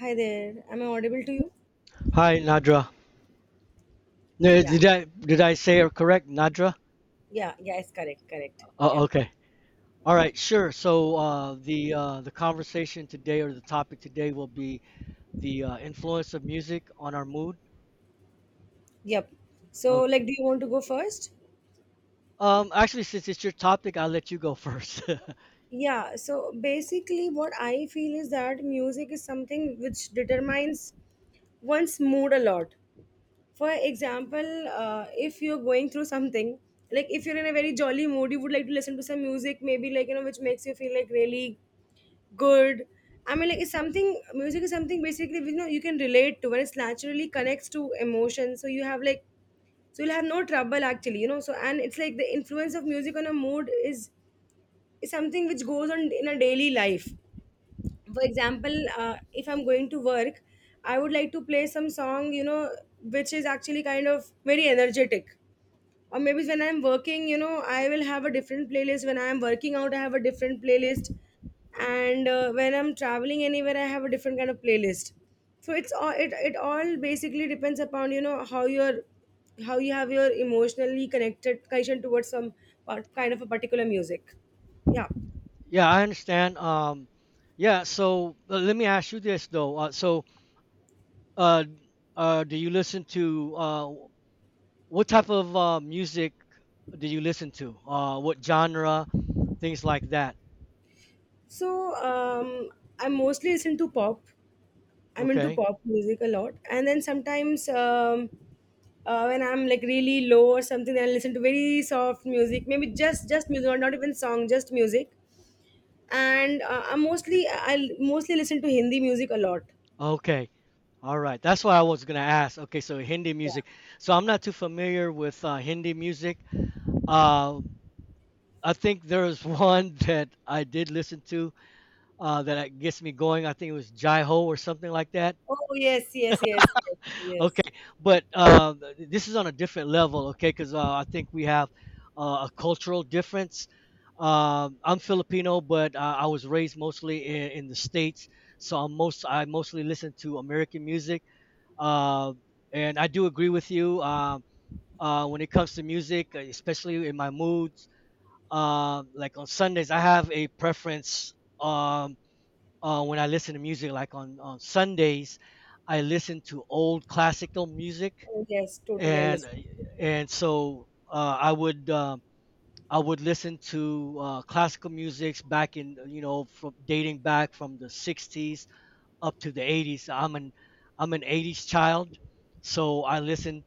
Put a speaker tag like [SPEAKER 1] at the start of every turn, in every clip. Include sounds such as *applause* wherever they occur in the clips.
[SPEAKER 1] Hi there. Am I audible to you?
[SPEAKER 2] Hi, Nadra.
[SPEAKER 1] Yeah.
[SPEAKER 2] Did I say it correct, Nadra?
[SPEAKER 1] Yeah. Yeah. It's correct. Correct. Yeah.
[SPEAKER 2] Oh, okay. All right, sure. So the conversation today, or the topic today, will be the influence of music on our mood.
[SPEAKER 1] Yep.
[SPEAKER 2] Uh,
[SPEAKER 1] So, like, do you want to go first?
[SPEAKER 2] actually, since it's your topic, I'll let you go first. *laughs*
[SPEAKER 1] Yeah. So, basically, what I feel is that music is something which determines one's mood a lot. For example, if you're going through something, like if you're in a very jolly mood, you would like to listen to some music, maybe, like, you know, which makes you feel like really good. I mean, like, it's something, music is something basically, you know, you can relate to, and it's naturally connects to emotion. So, you have like, so you'll have no trouble actually, you know, so, and it's like the influence of music on a mood is something which goes on in a daily life. For example, if I'm going to work, I would like to play some song, you know, which is actually kind of very energetic. Or maybe when I'm working, you know, I will have a different playlist. When I'm working out, I have a different playlist. And when I'm traveling anywhere, I have a different kind of playlist. So it's all it all basically depends upon, you know, how you're how you have your emotionally connected connection towards some kind of a particular music. Yeah.
[SPEAKER 2] Yeah, I understand. Yeah. So let me ask you this though. Uh, do you listen to what type of music do you listen to? What genre? Things like that.
[SPEAKER 1] So I mostly listen to pop. I'm into
[SPEAKER 2] Okay.
[SPEAKER 1] pop music a lot, and then sometimes when I'm like really low or something, then I listen to very soft music, maybe just music, or not even song, just music. And I'm mostly I will mostly listen to Hindi music a lot.
[SPEAKER 2] Okay, all right. That's what I was gonna ask. Okay, so Hindi music. So I'm not too familiar with Hindi music. Uh, I think there is one *laughs* that I did listen to, gets me going. I think it was Jai Ho or something like that.
[SPEAKER 1] Oh yes, yes, yes, yes, yes.
[SPEAKER 2] Okay, but this is on a different level, okay? Because I think we have a cultural difference. I'm Filipino, but I was raised mostly in the states, so I mostly listen to American music. Uh, and I do agree with you, when it comes to music, especially in my moods. Like on Sundays, I have a preference, when I listen to music. Like on Sundays, I listen to old classical music,
[SPEAKER 1] Oh yes, totally
[SPEAKER 2] and
[SPEAKER 1] understand.
[SPEAKER 2] so I would listen to classical music back in, you know, from dating back from the 60s up to the 80s. I'm an 80s child, so I listen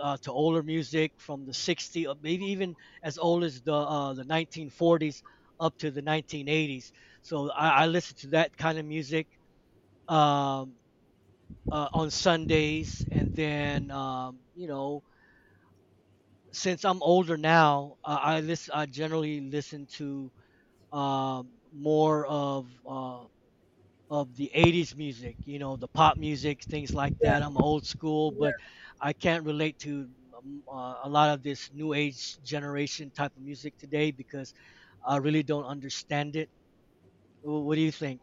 [SPEAKER 2] to older music from the 60s, or maybe even as old as the 1940s up to the 1980s. So I listen to that kind of music, um, on Sundays, and then you know, since I'm older now, I listen. I generally listen to more of the '80s music. You know, the pop music, things like
[SPEAKER 1] Yeah,
[SPEAKER 2] that. I'm old school, but
[SPEAKER 1] yeah.
[SPEAKER 2] I can't relate to a lot of this new age generation type of music today, because I really don't understand it. What do you think?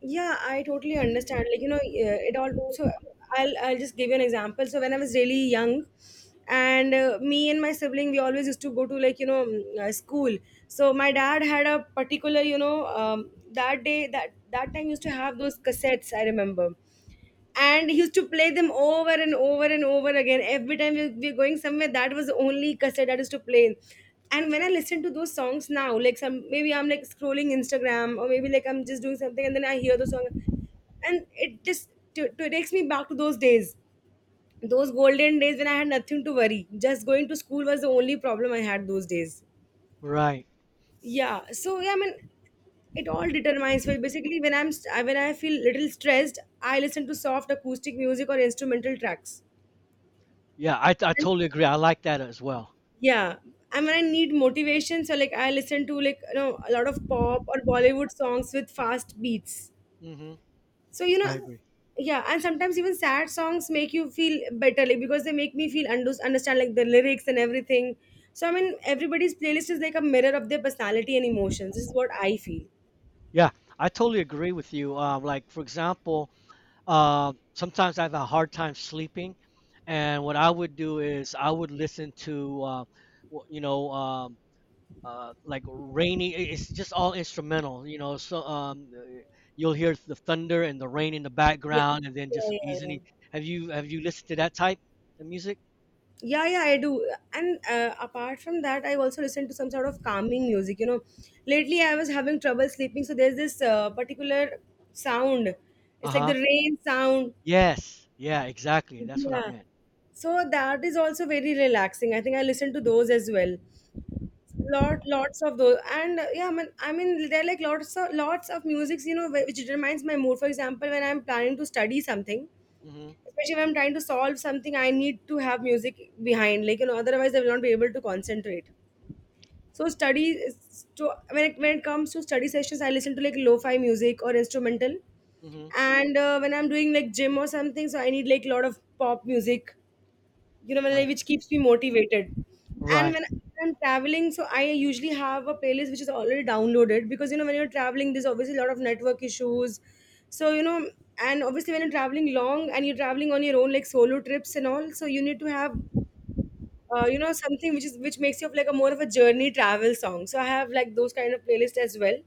[SPEAKER 1] Yeah, I totally understand. Like, you know, it all. So I'll just give you an example. So when I was really young, and me and my sibling, we always used to go to, like, you know, school. So my dad had a particular, you know, that day that time used to have those cassettes, I remember, and he used to play them over and over and over again. Every time we were going somewhere, that was the only cassette that used to play. And when I listen to those songs now, like some maybe I'm like scrolling Instagram or maybe like I'm just doing something and then I hear the song, and it just takes me back to those days, those golden days when I had nothing to worry. Just going to school was the only problem I had those days.
[SPEAKER 2] Right.
[SPEAKER 1] Yeah. So yeah, I mean, it all determines. Well, basically, when when I feel little stressed, I listen to soft acoustic music or instrumental tracks.
[SPEAKER 2] Yeah, I
[SPEAKER 1] And,
[SPEAKER 2] totally agree. I like that as well.
[SPEAKER 1] yeah. And when I need motivation, so like I listen to, like, you know, a lot of pop or Bollywood songs with fast beats.
[SPEAKER 2] Hmm.
[SPEAKER 1] So you know,
[SPEAKER 2] I agree.
[SPEAKER 1] yeah. And sometimes even sad songs make you feel better, like because they make me feel understand like the lyrics and everything. So I mean, everybody's playlist is like a mirror of their personality and emotions. This is what I feel.
[SPEAKER 2] Yeah, I totally agree with you. Like for example, um, sometimes I have a hard time sleeping, and what I would do is I would listen to, you know, like it's just all instrumental, you know. So you'll hear the thunder and the rain in the
[SPEAKER 1] Yeah.
[SPEAKER 2] background, and then
[SPEAKER 1] Yeah.
[SPEAKER 2] just some
[SPEAKER 1] Yeah. Yeah.
[SPEAKER 2] easily. Have you listened to that type of music?
[SPEAKER 1] Yeah, yeah, I do. And apart from that, I also listen to some sort of calming music, you know. Lately I was having trouble sleeping, so there's this particular sound.
[SPEAKER 2] Uh
[SPEAKER 1] It's like the
[SPEAKER 2] huh.
[SPEAKER 1] rain sound.
[SPEAKER 2] Yes. Yeah, exactly. That's what I
[SPEAKER 1] Yeah,
[SPEAKER 2] meant.
[SPEAKER 1] so that is also very relaxing. I think I listen to those as well, lot lots of those. And yeah, I mean there are like lots of musics, you know, which determines my mood. For example, when I'm planning to study something,
[SPEAKER 2] Mm-hmm.
[SPEAKER 1] especially if I'm trying to solve something, I need to have music behind, like, you know, otherwise I will not be able to concentrate. So study is to when it comes to study sessions, I listen to like lo-fi music or instrumental.
[SPEAKER 2] Mm-hmm.
[SPEAKER 1] And when I'm doing like gym or something, so I need like a lot of pop music, you know,
[SPEAKER 2] Uh,
[SPEAKER 1] like, which keeps me motivated. And
[SPEAKER 2] right.
[SPEAKER 1] when I'm traveling, so I usually have a playlist which is already downloaded, because you know when you're traveling, there's obviously a lot of network issues. So you know, and obviously when you're traveling long and you're traveling on your own, like solo trips and all, so you need to have. You know, something which is which makes you like a more of a journey travel song. So I have like those kind of playlists as well.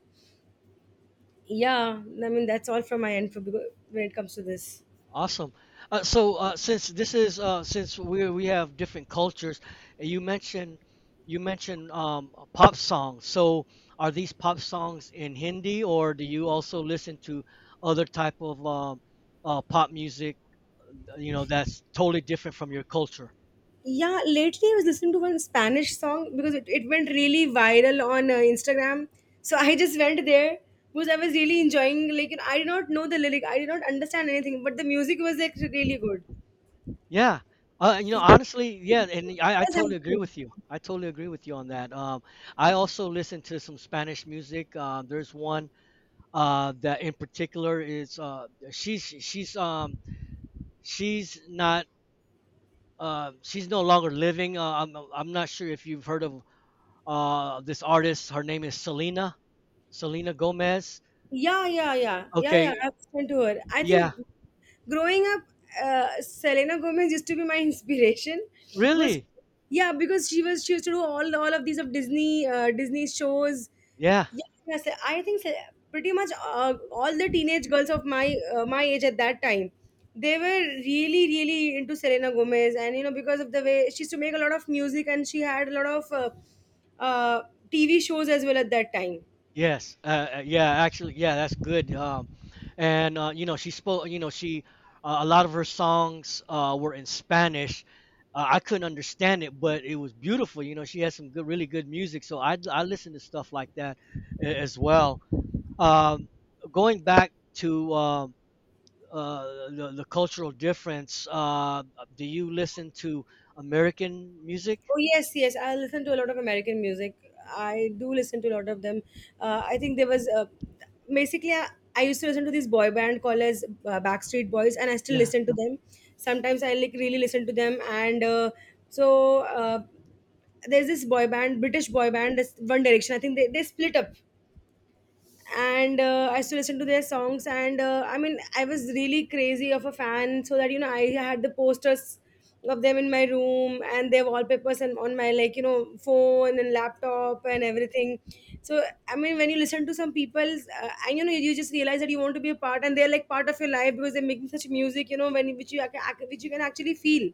[SPEAKER 1] Yeah, I mean, that's all from my end for, when it comes to this.
[SPEAKER 2] Awesome. So since this is since we have different cultures, and you mentioned pop songs. So are these pop songs in Hindi, or do you also listen to other type of pop music? You know, that's totally different from your culture.
[SPEAKER 1] Yeah, lately I was listening to one Spanish song because it went really viral on Instagram. So I just went there because I was really enjoying. Like you know, I did not know the lyric, I did not understand anything, but the music was like really good.
[SPEAKER 2] Yeah. You know,
[SPEAKER 1] It,
[SPEAKER 2] honestly,
[SPEAKER 1] it
[SPEAKER 2] yeah, and I
[SPEAKER 1] does
[SPEAKER 2] totally agree
[SPEAKER 1] happen.
[SPEAKER 2] with you. I totally agree with you on that. I also listen to some Spanish music. There's one that in particular is she's not she's no longer living. I'm not sure if you've heard of this artist. Her name is Selena Gomez.
[SPEAKER 1] Yeah, yeah, yeah, yeah, yeah.
[SPEAKER 2] Okay,
[SPEAKER 1] I've spoken to her. I
[SPEAKER 2] yeah,
[SPEAKER 1] think growing up, Selena Gomez used to be my *laughs* inspiration. Was
[SPEAKER 2] really,
[SPEAKER 1] yeah, because she used to do all of these of Disney Disney shows.
[SPEAKER 2] yeah.
[SPEAKER 1] Yeah, yeah, I think pretty much all the teenage girls of my my age at that time, they were really into Selena Gomez, and you know because of the way she used to make a lot of music and she had a lot of uh, TV shows as well at that time.
[SPEAKER 2] Yes, yeah, actually, yeah, that's good. And you know, she spoke. You know, she a lot of her songs were in Spanish. I couldn't understand it, but it was beautiful. You know, she had some good, really good music. So I listen to stuff like that as well. Um, going back to the cultural difference, do you listen to American music?
[SPEAKER 1] Oh yes, yes. I listen to a lot of American music. I do listen to a lot of them. I think there was basically I used to listen to this boy band called as Backstreet Boys, and I still
[SPEAKER 2] Yeah,
[SPEAKER 1] listen to them. Sometimes I like really listen to them, and so uh, there's this boy band, British boy band, this One Direction. I think they split up. And I used to listen to their songs. And I mean, I was really crazy of a fan, so that you know, I had the posters of them in my room and their wallpapers and on my, like, you know, phone and laptop and everything. So I mean, when you listen to some people, and you know, you just realize that you want to be a part, and they're like part of your life because they're making such music, you know, when which you which you can actually feel,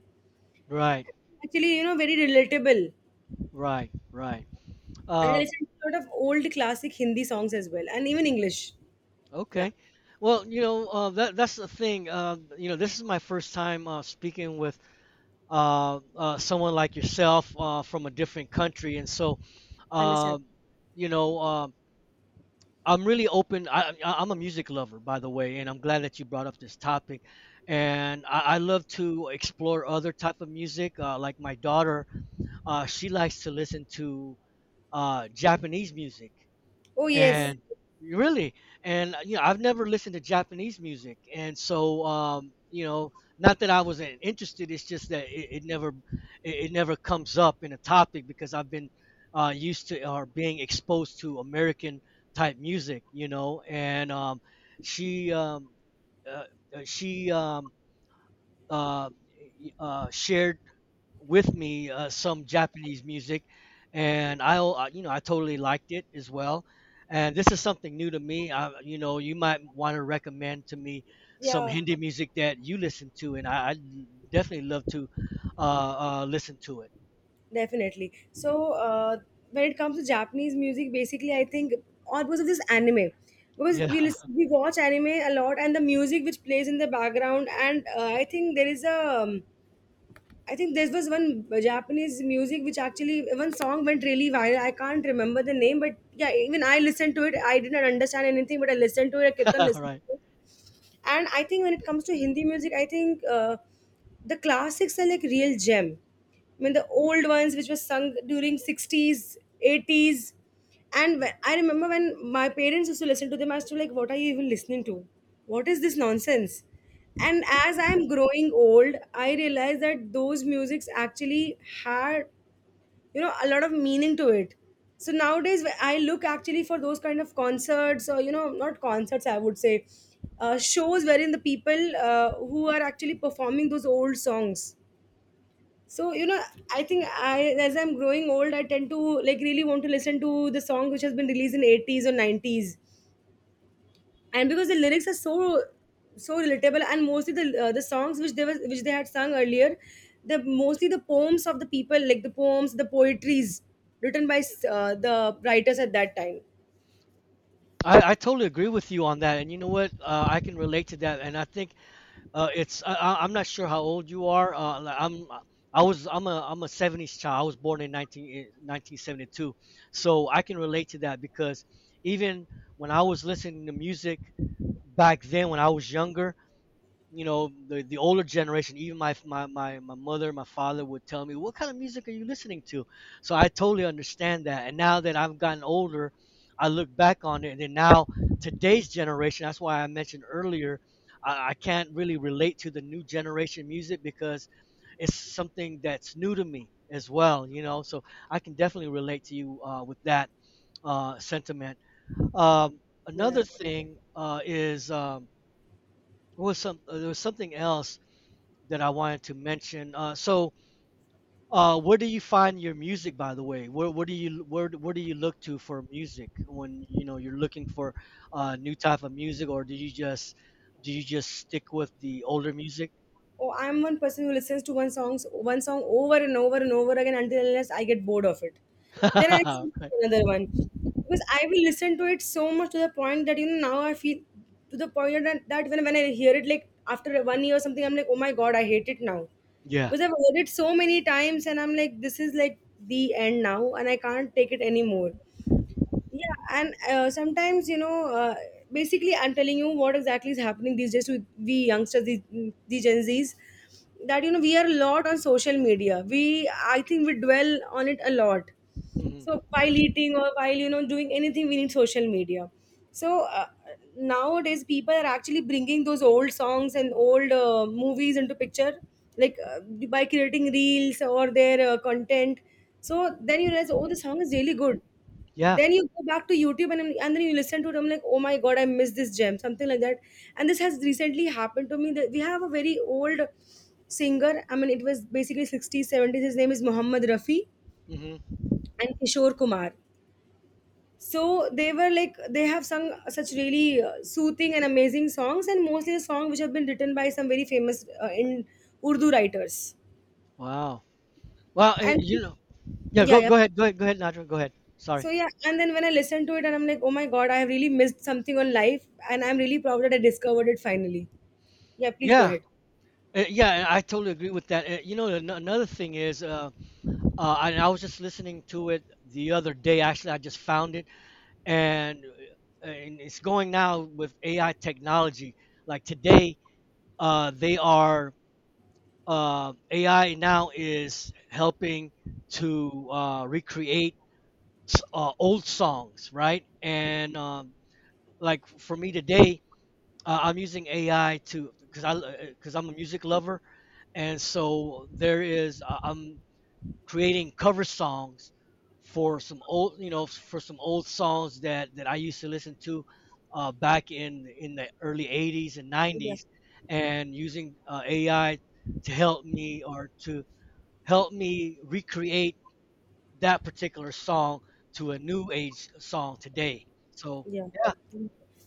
[SPEAKER 2] right,
[SPEAKER 1] actually, you know, very relatable.
[SPEAKER 2] right.
[SPEAKER 1] And I
[SPEAKER 2] Um,
[SPEAKER 1] listen to a lot of old classic Hindi songs as well, and even English. Yeah,
[SPEAKER 2] okay. Well, you know, that that's the thing. You know, this is my first time speaking with someone like yourself from a different country, and so,
[SPEAKER 1] I understand.
[SPEAKER 2] uh, you know, I'm really open. I'm a music lover, by the way, and I'm glad that you brought up this topic. And I love to explore other type of music. Like my daughter, she likes to listen to Japanese music,
[SPEAKER 1] Oh yes.
[SPEAKER 2] and really, and you know, I've never listened to Japanese music, and so, you know, not that I wasn't interested, it's just that it never, it never comes up in a topic, because I've been used to or being exposed to American type music, you know, and she um uh, she uh, shared with me some Japanese music, and I, you know, I totally liked it as well. And this is something new to me. I, you know, you might want to recommend to me some
[SPEAKER 1] Yeah.
[SPEAKER 2] Hindi music that you listen to, and I definitely love to listen to it.
[SPEAKER 1] Definitely. So when it comes to Japanese music, basically I think all because of this anime, because
[SPEAKER 2] Yeah,
[SPEAKER 1] we listen,
[SPEAKER 2] *laughs*
[SPEAKER 1] we watch anime a lot, and the music which plays in the background, and I think there is a, I think there was one Japanese music which actually one song went really viral. I can't remember the name, but yeah, even I listened to it. I didn't understand anything, but I listened to it. I kept on listening.
[SPEAKER 2] right.
[SPEAKER 1] And I think when it comes to Hindi music, I think the classics are like real gem. I mean the
[SPEAKER 2] Mhm.
[SPEAKER 1] old ones which were sung during 60s 80s. And I remember when my parents used to listen to them, I used to be like what are you even listening to, what is this nonsense. And as I'm growing old, I realize that those musics actually had, you know, a lot of meaning to it. So nowadays I look actually for those kind of concerts, or you know, not concerts, I would say shows wherein the people who are actually performing those old songs. So you know, I think I as I'm growing old, I tend to like really want to listen to the songs which has been released in 80s or 90s, and because the lyrics are so so relatable, and mostly the songs which they was which they had sung earlier, the mostly the poems of the people, like the poems, the poetries written by the writers at that time.
[SPEAKER 2] I totally agree with you on that. And you know what? I can relate to that. And I think it's I'm not sure how old you are. Like, I'm a 70s child. I was born in 19 in 1972, so I can relate to that, because even when I was listening to music back then when I was younger, you know, the older generation, even my mother, my father would tell me, what kind of music are you listening to? So I totally understand that, and now that I've gotten older, I look back on it, and then now, today's generation, that's why I mentioned earlier, I can't really relate to the new generation music, because it's something that's new to me as well, you know. So I can definitely relate to you with that sentiment. um, Another
[SPEAKER 1] Yeah.
[SPEAKER 2] thing is what was some there was something else that I wanted to mention. Where do you find your music, by the way? Where do you look to for music when, you know, you're looking for new type of music, or do you just stick with the older music?
[SPEAKER 1] Oh, I'm one person who listens to one song over and over and over again until unless I get bored of it, then I
[SPEAKER 2] *laughs*
[SPEAKER 1] switch
[SPEAKER 2] Right.
[SPEAKER 1] to another one, because I will listen to it so much to the point that you know now I feel to the point that when I hear it like after 1 year or something, I'm like oh my god I hate it now,
[SPEAKER 2] Yeah.
[SPEAKER 1] because I've heard it so many times and I'm like this is like the end now and I can't take it anymore. Yeah, and sometimes you know, basically, I'm telling you what exactly is happening these days with we youngsters, the Gen Zs, that you know we are a lot on social media. We, I think, we dwell on it a lot.
[SPEAKER 2] Hmm.
[SPEAKER 1] So while eating or while you know doing anything, we need social media. So nowadays, people are actually bringing those old songs and old movies into picture, like by creating reels or their content. So then you realize, oh, the song is really good,
[SPEAKER 2] Yeah.
[SPEAKER 1] then you go back to YouTube and then you listen to it. I'm like, oh my god, I missed this gem, something like that. And this has recently happened to me. That we have a very old singer. I mean, it was basically 60s, 70s. His name is Muhammad Rafi
[SPEAKER 2] Hmm.
[SPEAKER 1] and Kishore Kumar. So they were like they have sung such really soothing and amazing songs, and mostly the song which have been written by some very famous in Urdu writers.
[SPEAKER 2] Wow. Well,
[SPEAKER 1] And
[SPEAKER 2] you know, yeah.
[SPEAKER 1] yeah, yeah.
[SPEAKER 2] Go ahead, Nadra. Go ahead. Sorry.
[SPEAKER 1] So yeah, and then when I listened to it and I'm like, oh my god, I have really missed something on life, and I'm really proud that I discovered it finally. Yeah, please go
[SPEAKER 2] Yeah.
[SPEAKER 1] ahead.
[SPEAKER 2] Yeah, I totally agree with that. You know, another thing is, and I was just listening to it the other day. Actually, I just found it, and and it's going now with AI technology. Like today, they are AI now is helping to recreate old songs, right? And like for me today, I'm using AI to, because I'm a music lover, and so there is I'm creating cover songs for some old, you know, for some old songs that I used to listen to back in the early 80s and
[SPEAKER 1] Yeah.
[SPEAKER 2] 90s, and using AI to help me, or to help me recreate that particular song to a new age song today, so
[SPEAKER 1] Yeah.
[SPEAKER 2] yeah.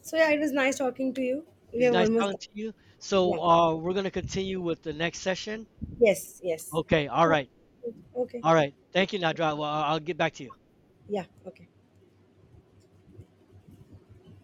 [SPEAKER 1] So yeah, it was nice talking to you. We
[SPEAKER 2] It's
[SPEAKER 1] have
[SPEAKER 2] nice
[SPEAKER 1] almost
[SPEAKER 2] talking to you, so
[SPEAKER 1] Yeah.
[SPEAKER 2] we're going to continue with the next session.
[SPEAKER 1] Yes, yes.
[SPEAKER 2] Okay, all right.
[SPEAKER 1] Okay.
[SPEAKER 2] All right, thank you, Nadra. Well, I'll get back to you.
[SPEAKER 1] Yeah. Okay.